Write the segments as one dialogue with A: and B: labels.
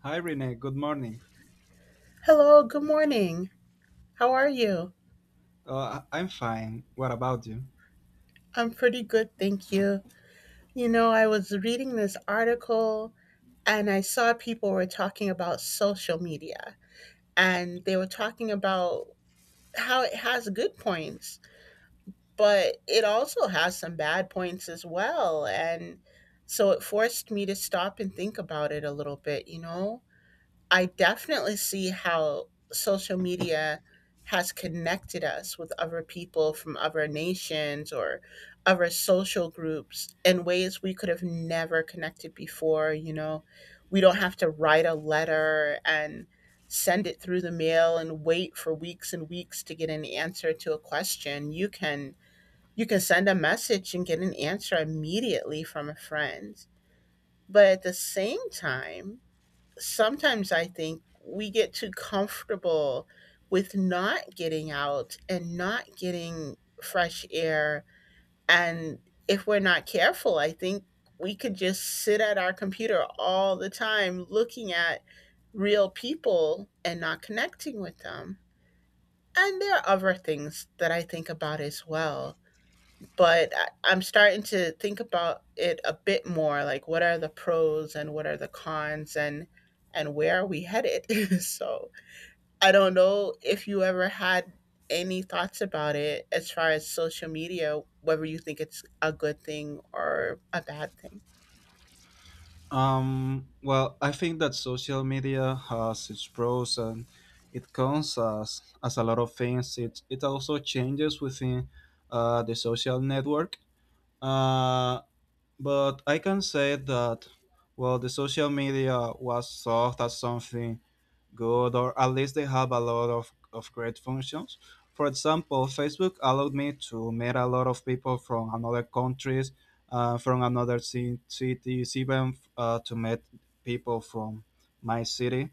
A: Hi, Renee. Good morning.
B: Hello, good morning. How are you?
A: I'm fine. What about you?
B: I'm pretty good, thank you. You know, I was reading this article and I saw people were talking about social media and they were talking about how it has good points, but it also has some bad points as well. And so it forced me to stop and think about it a little bit, you know? I definitely see how social media has connected us with other people from other nations or other social groups in ways we could have never connected before. You know, we don't have to write a letter and send it through the mail and wait for weeks and weeks to get an answer to a question. You can send a message and get an answer immediately from a friend. But at the same time, sometimes I think we get too comfortable with not getting out and not getting fresh air. And if we're not careful, I think we could just sit at our computer all the time looking at real people and not connecting with them. And there are other things that I think about as well. But I'm starting to think about it a bit more, like what are the pros and what are the cons and where are we headed? So I don't know if you ever had any thoughts about it as far as social media, whether you think it's a good thing or a bad thing.
A: Well, I think that social media has its pros and it comes as a lot of things. It also changes within the social network. Uh, but I can say that, well, the social media was soft as something good, or at least they have a lot of great functions. For example, Facebook allowed me to meet a lot of people from another countries, from another cities, even to meet people from my city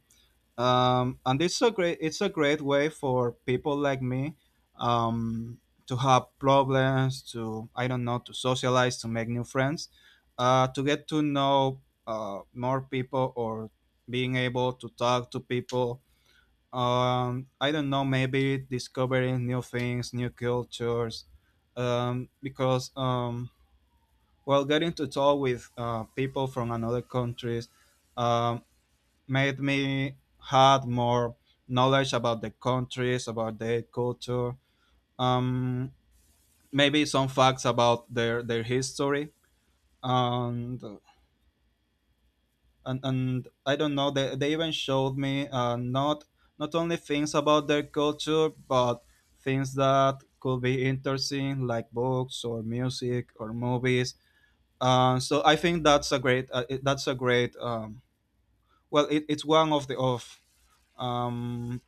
A: and it's a great way for people like me um, to have problems to I don't know, to socialize to make new friends to get to know more people or being able to talk to people I don't know maybe discovering new things new cultures because well getting to talk with people from another countries, um, made me had more knowledge about the countries, about their culture, um, maybe some facts about their history, and and I don't know. They even showed me not not only things about their culture, but things that could be interesting, like books or music or movies. So I think that's a great that's a great well it's one of the of um,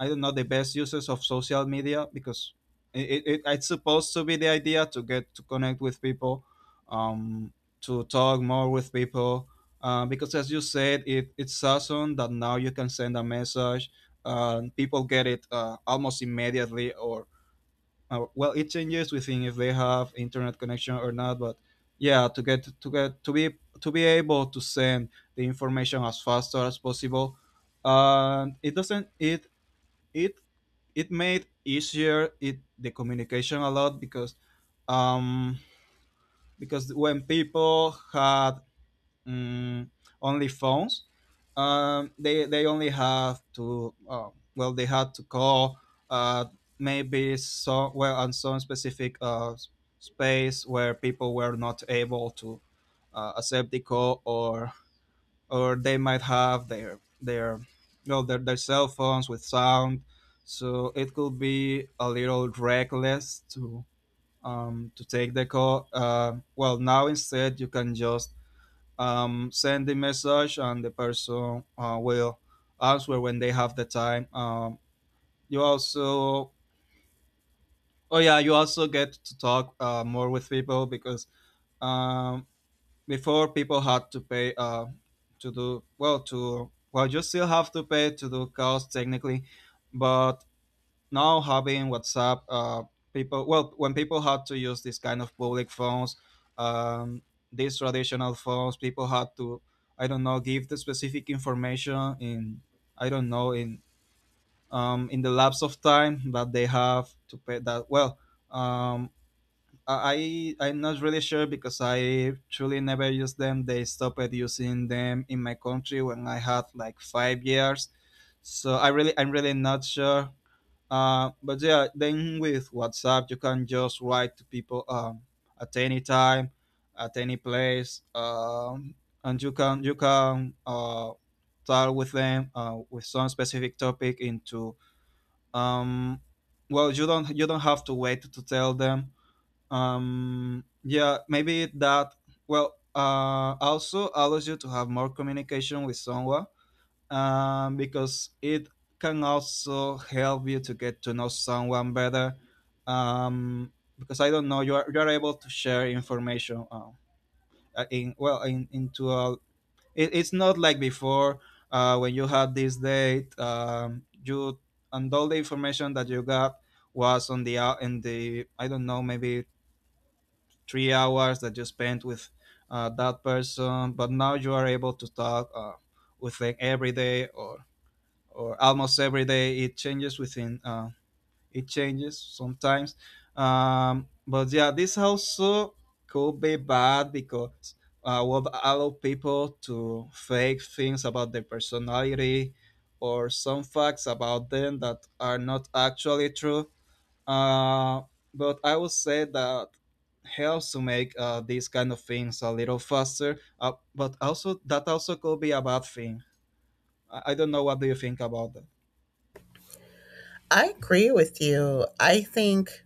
A: I don't know the best uses of social media because it it's supposed to be the idea to get to connect with people, um, to talk more with people. Because as you said, it's awesome that now you can send a message. People get it almost immediately, or well, it changes within if they have internet connection or not. But yeah, to get to be to be able to send the information as fast as possible and it doesn't it it it made easier it the communication a lot because um because when people had um, only phones they only have to well they had to call uh maybe so well on some specific space where people were not able to accept the call or they might have their well their cell phones with sound so it could be a little reckless to take the call well now instead you can just send the message and the person will answer when they have the time. You also oh yeah you also get to talk more with people because um, before people had to pay to do well to well you still have to pay to do calls technically but now having WhatsApp, people well when people had to use this kind of public phones, um, these traditional phones people had to I don't know give the specific information in I don't know in the lapse of time that they have to pay that well um, I'm not really sure because I truly never used them. They stopped using them in my country when I had like 5 years, so I'm really not sure. But yeah, then with WhatsApp you can just write to people at any time, at any place, and you can talk with them with some specific topic into um, well you don't have to wait to tell them yeah maybe that well also allows you to have more communication with someone because it can also help you to get to know someone better um because I don't know you are able to share information in well in into a it's not like before when you had this date you and all the information that you got was on the out in the I don't know maybe 3 hours that you spent with that person but now you are able to talk with them every day or almost every day it changes within, it changes sometimes. But yeah this also could be bad because would allow people to fake things about their personality or some facts about them that are not actually true, uh, but I would say that helps to make these kind of things a little faster. But also that also could be a bad thing. I don't know what do you think about that.
B: I agree with you. I think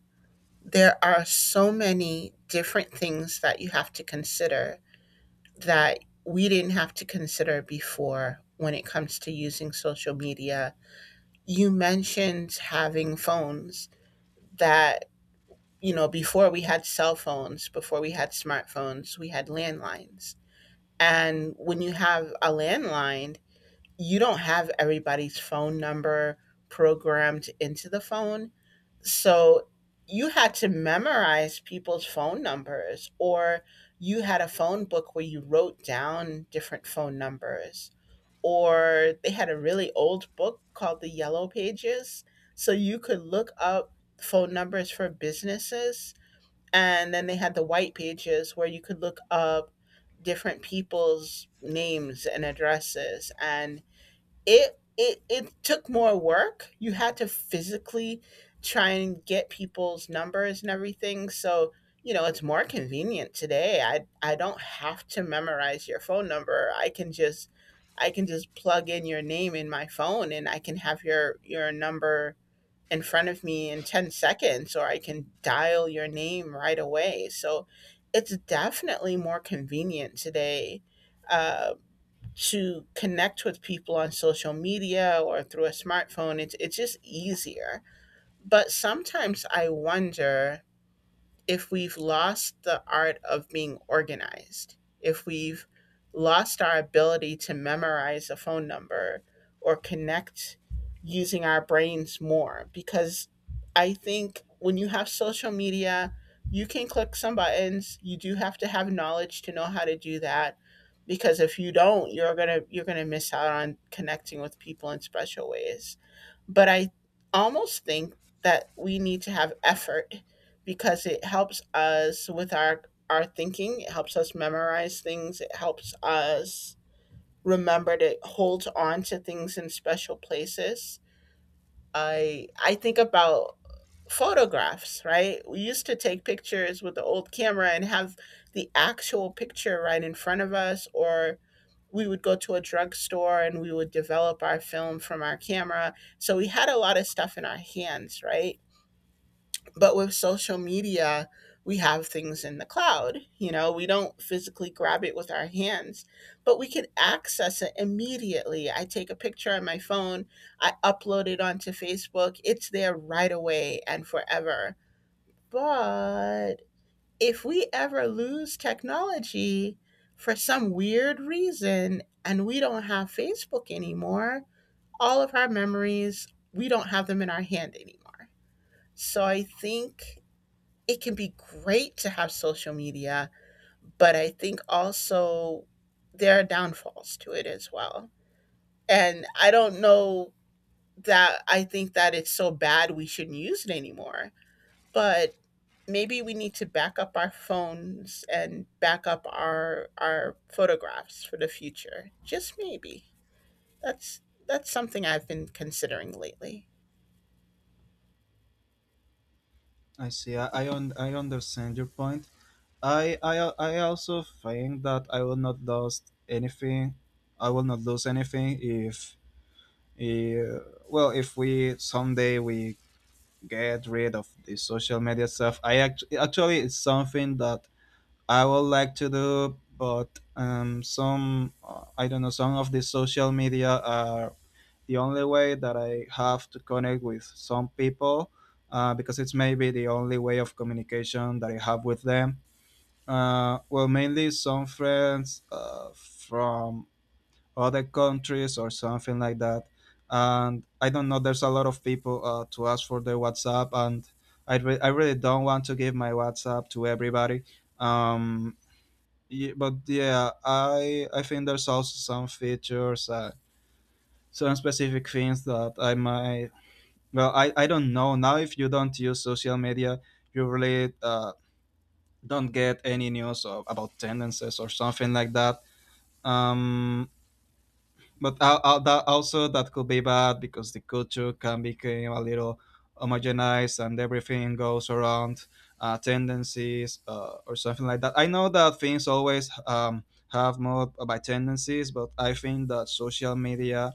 B: there are so many different things that you have to consider that we didn't have to consider before when it comes to using social media. You mentioned having phones that, you know, before we had cell phones, before we had smartphones, we had landlines. And when you have a landline, you don't have everybody's phone number programmed into the phone. So you had to memorize people's phone numbers, or you had a phone book where you wrote down different phone numbers, or they had a really old book called the Yellow Pages. So you could look up phone numbers for businesses. And then they had the white pages where you could look up different people's names and addresses and it took more work. You had to physically try and get people's numbers and everything. So, you know, it's more convenient today. I don't have to memorize your phone number. I can just plug in your name in my phone and I can have your number in front of me in 10 seconds or I can dial your name right away. So, it's definitely more convenient today. Um to connect with people on social media or through a smartphone, it's just easier. But sometimes I wonder if we've lost the art of being organized, if we've lost our ability to memorize a phone number or connect using our brains more, because I think when you have social media, you can click some buttons. You do have to have knowledge to know how to do that because if you don't, you're going to miss out on connecting with people in special ways. But I almost think that we need to have effort because it helps us with our thinking. It helps us memorize things. It helps us remember to hold on to things in special places. I think about photographs, right? We used to take pictures with the old camera and have the actual picture right in front of us or we would go to a drugstore and we would develop our film from our camera. So we had a lot of stuff in our hands, right? But with social media, we have things in the cloud. You know, we don't physically grab it with our hands, but we can access it immediately. I take a picture on my phone, I upload it onto Facebook, it's there right away and forever. But if we ever lose technology for some weird reason and we don't have Facebook anymore, all of our memories, we don't have them in our hand anymore. So I think it can be great to have social media, but I think also there are downfalls to it as well. And I don't know that I think that it's so bad we shouldn't use it anymore, but maybe we need to back up our phones and back up our photographs for the future. Just maybe. That's that's something I've been considering lately.
A: I see. I understand your point. I also think that I will not lose anything. I will not lose anything if well if we someday we get rid of the social media stuff. Actually it's something that I would like to do, but some I don't know some of the social media are the only way that I have to connect with some people because it's maybe the only way of communication that I have with them. Well, mainly some friends from other countries or something like that. And I don't know, there's a lot of people to ask for their WhatsApp, and I really don't want to give my WhatsApp to everybody. Um, yeah, but yeah, I think there's also some features, some specific things that I might. Well, I don't know now. If you don't use social media, you really don't get any news of, about tendencies or something like that. Um, But that also that could be bad because the culture can become a little homogenized and everything goes around tendencies or something like that. I know that things always have more by tendencies, but I think that social media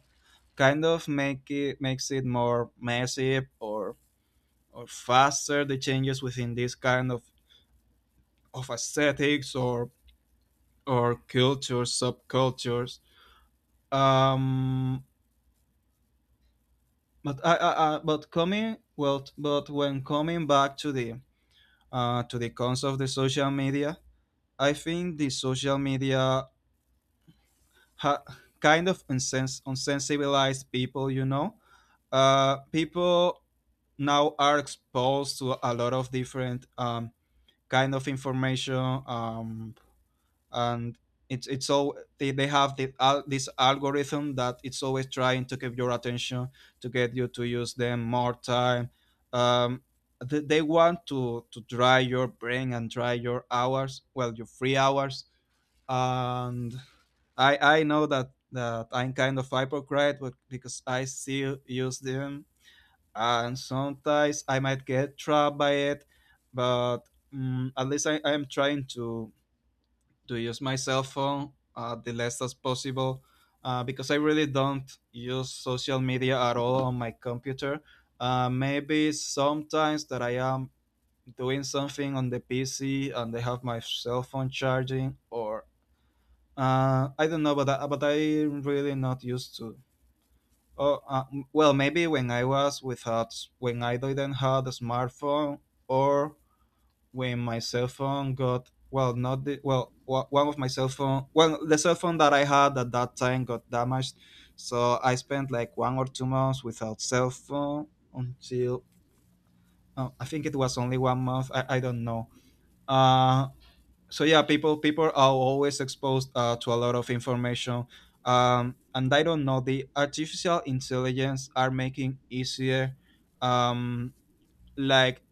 A: kind of makes it more massive or faster the changes within this kind of aesthetics or cultures subcultures. Um But I but coming well, but when coming back to the concept of the social media, I think the social media ha- kind of unsensibilized people. You know, people now are exposed to a lot of different kind of information. And it's all they have the, al this algorithm that it's always trying to keep your attention to get you to use them more time. um, they want to dry your brain and dry your hours well your free hours, and I know that that I'm kind of hypocrite but because I still use them and sometimes I might get trapped by it, but at least I'm trying to use my cell phone the less as possible because I really don't use social media at all on my computer. Maybe sometimes that I am doing something on the PC and I have my cell phone charging, or I don't know, but but I'm really not used to. Oh, uh, well, maybe when I was without, when I didn't have a smartphone, or when my cell phone got well, not the well, wa- one of my cell phone, well, the cell phone that I had at that time got damaged. So I spent like 1 or 2 months without cell phone until oh, I think it was only 1 month. I don't know. Uh, so yeah, people are always exposed to a lot of information, and I don't know. The artificial intelligence are making easier. Um, like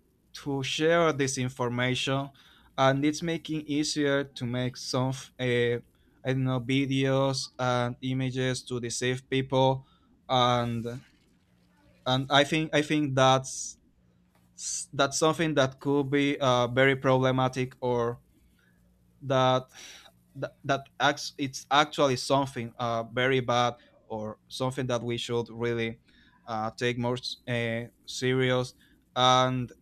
A: to share this information and it's making easier to make some uh, I don't know videos and images to deceive people, and I think that's something that could be very problematic or that that, that it's actually something very bad or something that we should really take more serious, and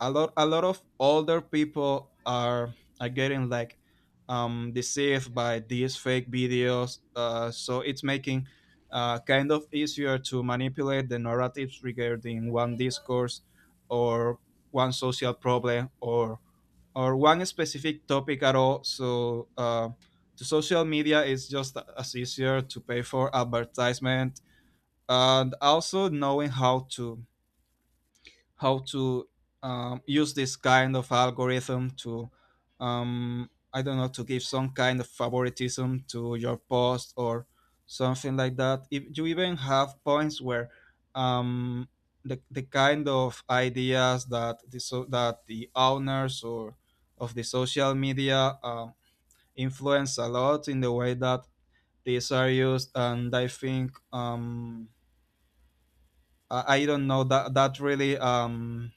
A: a lot of older people are getting like deceived by these fake videos. So it's making kind of easier to manipulate the narratives regarding one discourse or one social problem or one specific topic at all. The social media is just as easier to pay for advertisement, and also knowing how to use this kind of algorithm to, I don't know, to give some kind of favoritism to your post or something like that, if you even have points where um, the kind of ideas that the so that the owners or of the social media influence a lot in the way that these are used. And I think I don't know that that really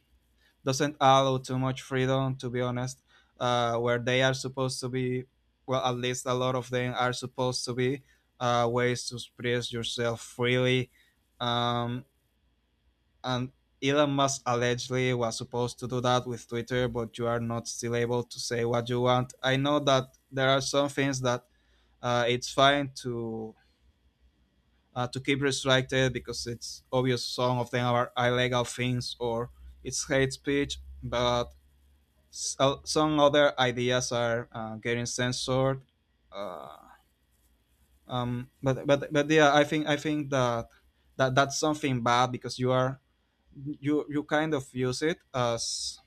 A: doesn't allow too much freedom, to be honest, where they are supposed to be, well, at least a lot of them are supposed to be ways to express yourself freely. um, and Elon Musk allegedly was supposed to do that with Twitter, but you are not still able to say what you want. I know that there are some things that it's fine to keep restricted because it's obvious some of them are illegal things, or it's hate speech. But so, some other ideas are getting censored. Uh, but yeah, I think that that that's something bad, because you are you kind of use it as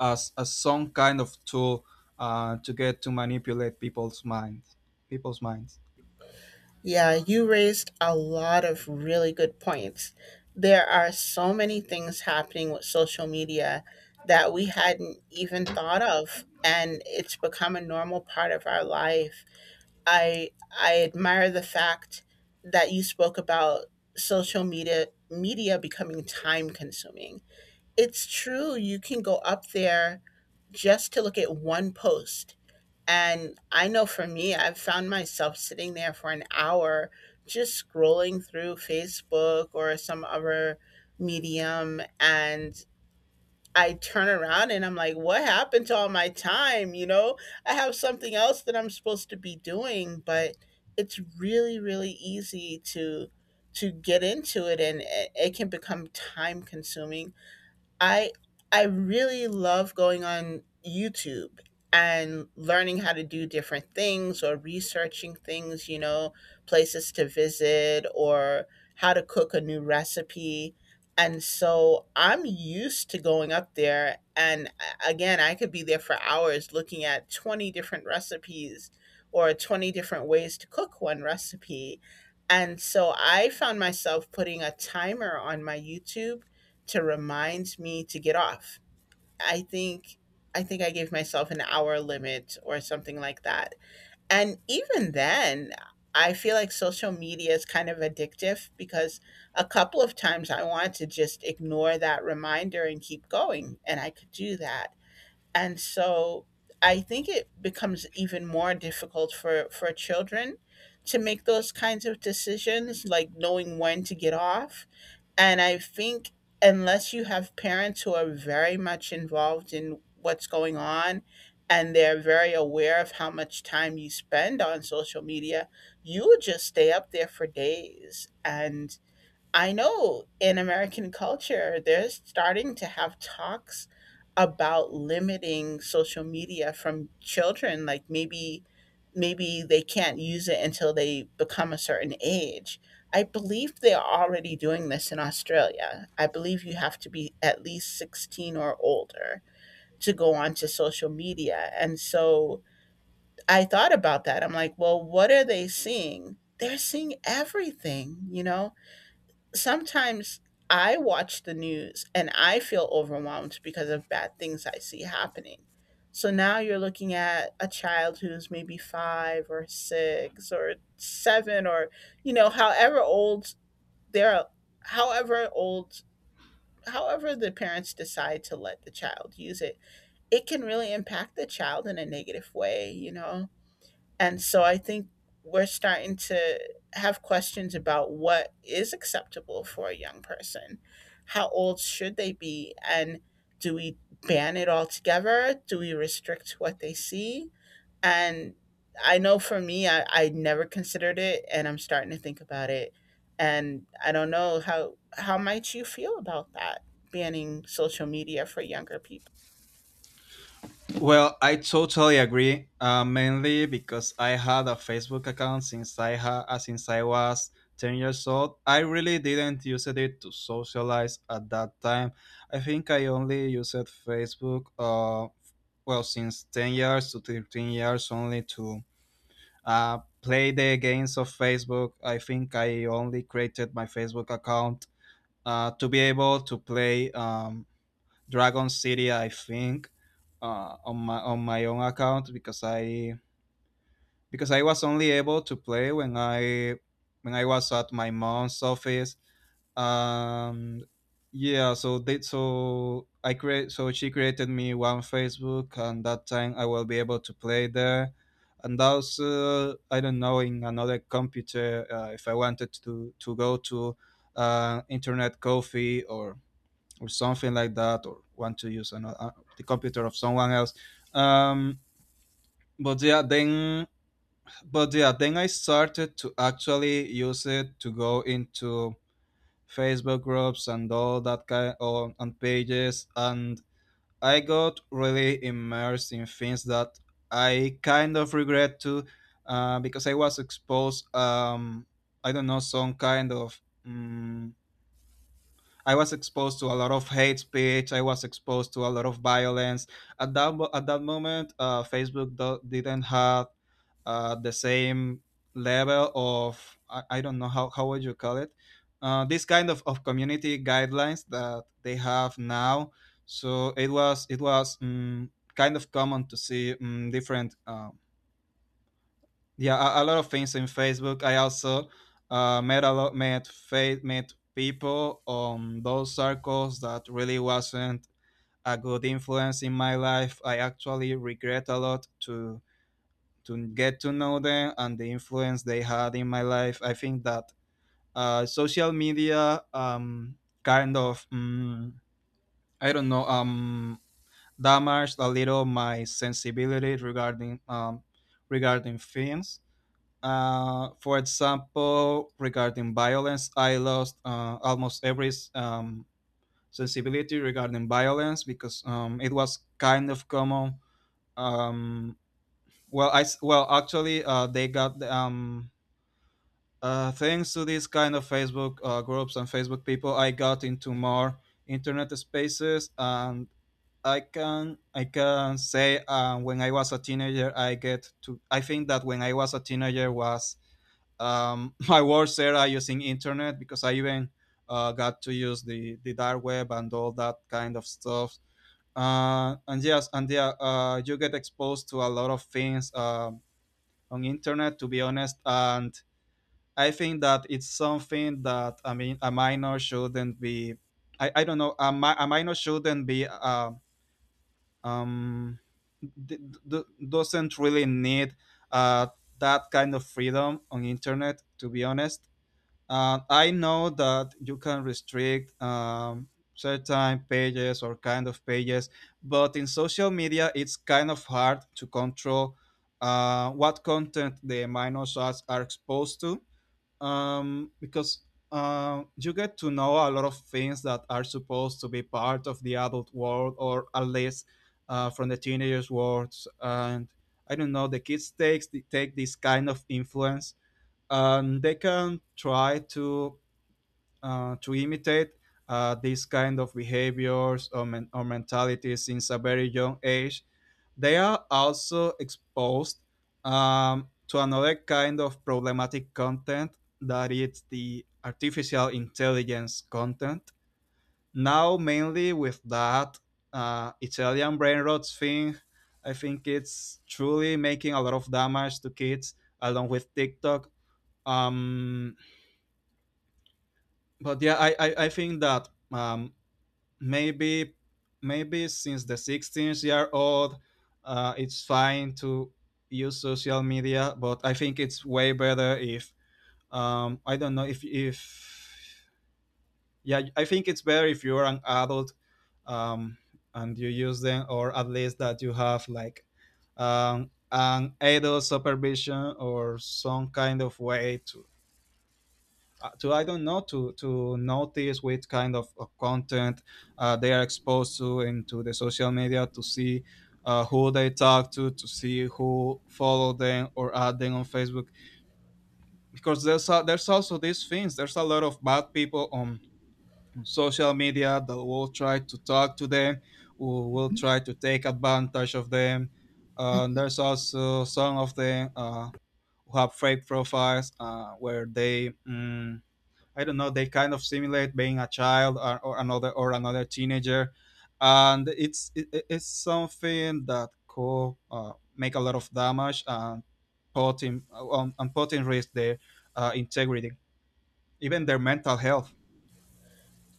A: some kind of tool to get to manipulate people's minds, people's minds.
B: Yeah, you raised a lot of really good points. There are so many things happening with social media that we hadn't even thought of and it's become a normal part of our life. I I admire the fact that you spoke about social media becoming time consuming. It's true, you can go up there just to look at one post and I know for me, I've found myself sitting there for an hour just scrolling through Facebook or some other medium. And I turn around and I'm like, what happened to all my time? You know, I have something else that I'm supposed to be doing, but it's really, really easy to get into it and it can become time consuming. I I really love going on YouTube and learning how to do different things or researching things, you know, places to visit or how to cook a new recipe. And so I'm used to going up there and again, I could be there for hours looking at 20 different recipes or 20 different ways to cook one recipe. And so I found myself putting a timer on my YouTube to remind me to get off. I think I think I gave myself an hour limit or something like that. And even then, I feel like social media is kind of addictive because a couple of times I wanted to just ignore that reminder and keep going, and I could do that. And so I think it becomes even more difficult for, children to make those kinds of decisions, like knowing when to get off, and I think unless you have parents who are very much involved in what's going on and they're very aware of how much time you spend on social media, you will just stay up there for days. And I know in American culture, they're starting to have talks about limiting social media from children. Like maybe they can't use it until they become a certain age. I believe they are already doing this in Australia. I believe you have to be at least 16 or older to go onto social media. And so I thought about that. I'm like, well, what are they seeing? They're seeing everything, you know? Sometimes I watch the news and I feel overwhelmed because of bad things I see happening. So now you're looking at a child who's maybe five or six or seven or, you know, they're, however old, however the parents decide to let the child use it, it can really impact the child in a negative way, you know? And so I think we're starting to have questions about what is acceptable for a young person. How old should they be? And do we ban it altogether? Do we restrict what they see? And I know for me, I never considered it, and I'm starting to think about it. And I don't know how might you feel about that, banning social media for younger people.
A: Well, I totally agree. Mainly because I had a Facebook account since since I was 10 years old. I really didn't use it to socialize at that time. I think I only used Facebook. Well, since 10 years to 13 years, only to play the games of Facebook. I think I only created my Facebook account to be able to play. Dragon City, I think, on my own account because I was only able to play when I was at my mom's office. Um, yeah, so they so I create so she created me one Facebook, and that time I will be able to play there. And also, I don't know, in another computer, if I wanted to go to internet coffee or something like that, or want to use another, the computer of someone else. um but yeah then but yeah, then I started to actually use it to go into Facebook groups and all that kind of, and pages. And I got really immersed in things that I kind of regret to, because I was exposed, I don't know, some kind of mm I was exposed to a lot of hate speech. I was exposed to a lot of violence. At that moment, Facebook didn't have the same level of, I don't know how would you call it, this kind of community guidelines that they have now. So it was kind of common to see different yeah, a lot of things in Facebook. I also met a lot, met people on those circles that really wasn't a good influence in my life. I actually regret a lot to get to know them and the influence they had in my life. I think that social media kind of, I don't know, damaged a little my sensibility regarding, regarding things. For example, regarding violence, I lost almost every sensibility regarding violence because it was kind of common. Um, well, I s- well actually they got thanks to these kind of Facebook groups and Facebook people, I got into more internet spaces. And I can say, when I was a teenager, I get to I think that when I was a teenager was my worst era using internet, because I even got to use the dark web and all that kind of stuff. And yeah, you get exposed to a lot of things on internet, to be honest. And I think that it's something that, I mean, a minor shouldn't be. I don't know. A minor shouldn't be. Um, d- doesn't really need uh, that kind of freedom on internet. To be honest, I know that you can restrict certain pages or kind of pages, but in social media, it's kind of hard to control what content the minor sites are exposed to, because you get to know a lot of things that are supposed to be part of the adult world, or at least from the teenagers' worlds. And I don't know, take this kind of influence, they can try to imitate these kind of behaviors, or mentalities, since a very young age. They are also exposed to another kind of problematic content, that is the artificial intelligence content. Now, mainly with that Italian brain rot thing, I think it's truly making a lot of damage to kids, along with TikTok. Um, but yeah I think that maybe, maybe since the 16-year-old it's fine to use social media. But I think it's way better if, I don't know, if yeah, I think it's better if you're an adult um and you use them, or at least that you have like an adult supervision, or some kind of way to I don't know, to notice which kind of content they are exposed to into the social media. To see who they talk to see who follow them or add them on Facebook. Because there's also these things, there's a lot of bad people on social media that will try to talk to them, who will try to take advantage of them. There's also some of them who have fake profiles, where they, I don't know, they kind of simulate being a child, or another teenager. And it's something that could make a lot of damage and put in risk their integrity, even their mental health.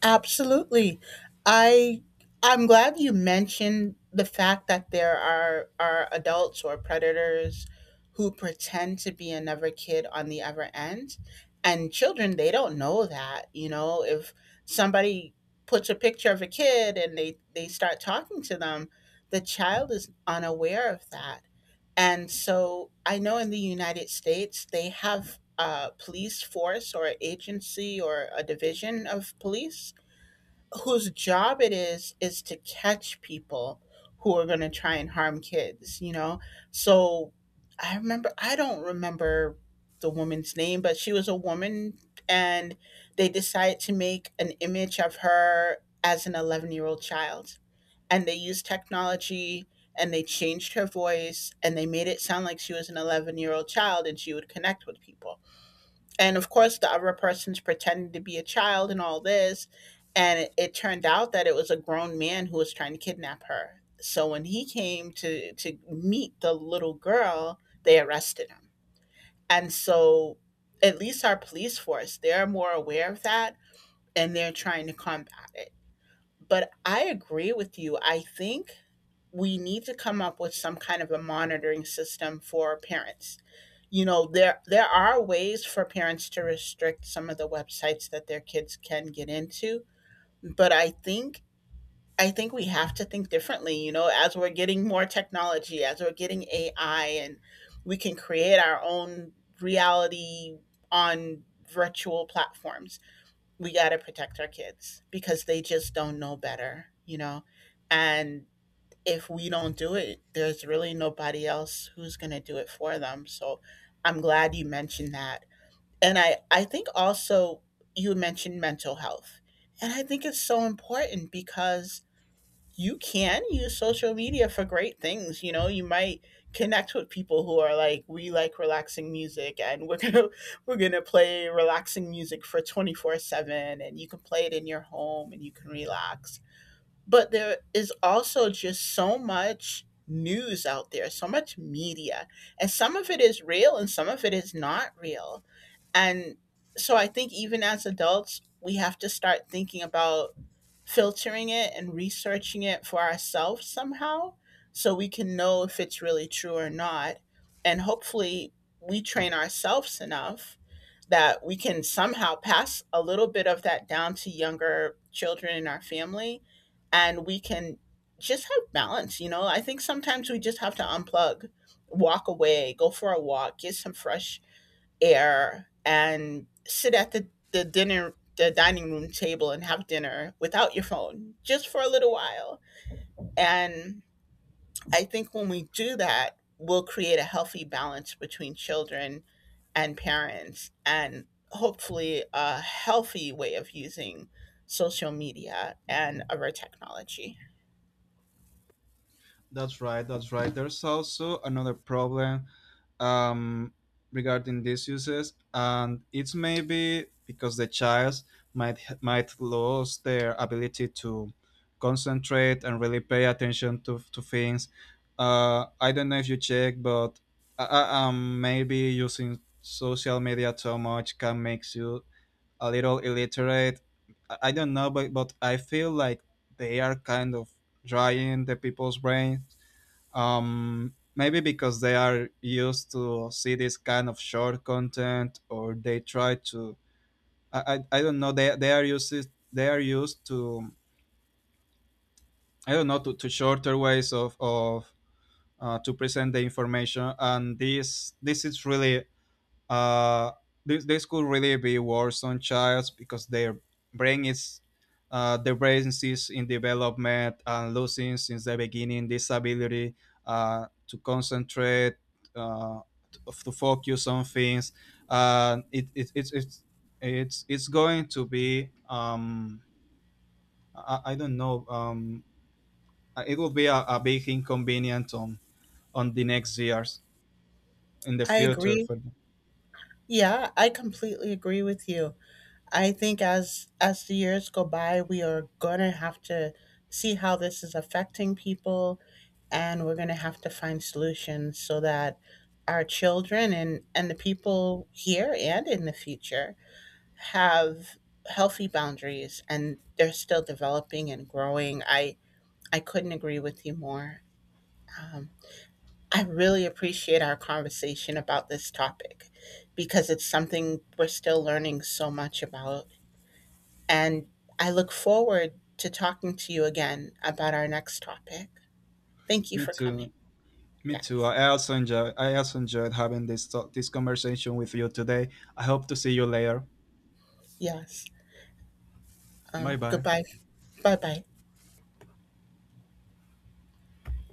B: Absolutely. I I'm glad you mentioned the fact that there are adults or predators who pretend to be another kid on the other end. And children, they don't know that. You know, if somebody puts a picture of a kid and they start talking to them, the child is unaware of that. And so I know in the United States they have a police force or agency or a division of police whose job it is to catch people who are going to try and harm kids, you know. So I don't remember the woman's name, but she was a woman, and they decided to make an image of her as an 11-year-old child, and they used technology and they changed her voice and they made it sound like she was an 11-year-old child, and she would connect with people, and of course the other person's pretending to be a child and all this, and it turned out that it was a grown man who was trying to kidnap her. So when he came to meet the little girl, they arrested him. And so at least our police force, they're more aware of that, and they're trying to combat it. But I agree with you. I think we need to come up with some kind of a monitoring system for parents. You know, there are ways for parents to restrict some of the websites that their kids can get into, but I think we have to think differently, you know, as we're getting more technology, as we're getting AI, and we can create our own reality on virtual platforms. We got to protect our kids because they just don't know better, you know. And if we don't do it, there's really nobody else who's going to do it for them. So I'm glad you mentioned that. And I think also you mentioned mental health. And I think it's so important because you can use social media for great things. You know, you might connect with people who are like, we like relaxing music and we're going to, we're going to play relaxing music for 24 seven and you can play it in your home and you can relax, but there is also just so much news out there, so much media, and some of it is real and some of it is not real. And so I think even as adults, we have to start thinking about filtering it and researching it for ourselves somehow so we can know if it's really true or not. And hopefully, we train ourselves enough that we can somehow pass a little bit of that down to younger children in our family, and we can just have balance. You know, I think sometimes we just have to unplug, walk away, go for a walk, get some fresh air, and sit at the dinner the dining room table and have dinner without your phone just for a little while. And I think when we do that, we'll create a healthy balance between children and parents and hopefully a healthy way of using social media and other technology.
A: That's right. That's right. There's also another problem um, regarding these uses, and it's maybe because the child might lose their ability to concentrate and really pay attention to things. I don't know if you check, but maybe using social media too much can make you a little illiterate. I don't know, but I feel like they are kind of drying the people's brain, maybe because they are used to see this kind of short content, or they try to, I don't know, they are used, they are used to, I don't know, to shorter ways of to present the information. And this is really Uh, this could really be worse on childs, because their brain is, their brain is in development, and losing since the beginning this ability to concentrate, uh, to, to focus on things. Uh, it, it, it's it's it's it's going to be , I don't know, it will be a big inconvenience on the next years in the
B: I
A: future
B: agree.
A: for them.
B: Yeah, I completely agree with you. I think as the years go by, we are gonna have to see how this is affecting people, and we're gonna have to find solutions so that our children and, the people here and in the future have healthy boundaries and they're still developing and growing. I couldn't agree with you more. Um, I really appreciate our conversation about this topic because it's something we're still learning so much about. And I look forward to talking to you again about our next topic. Thank you
A: Me
B: for coming.
A: too. Me too.
B: Yes.
A: I also enjoyed having this talk, this conversation with you today. I hope to see you later.
B: Yes.
A: Bye bye.
B: Goodbye. Bye bye.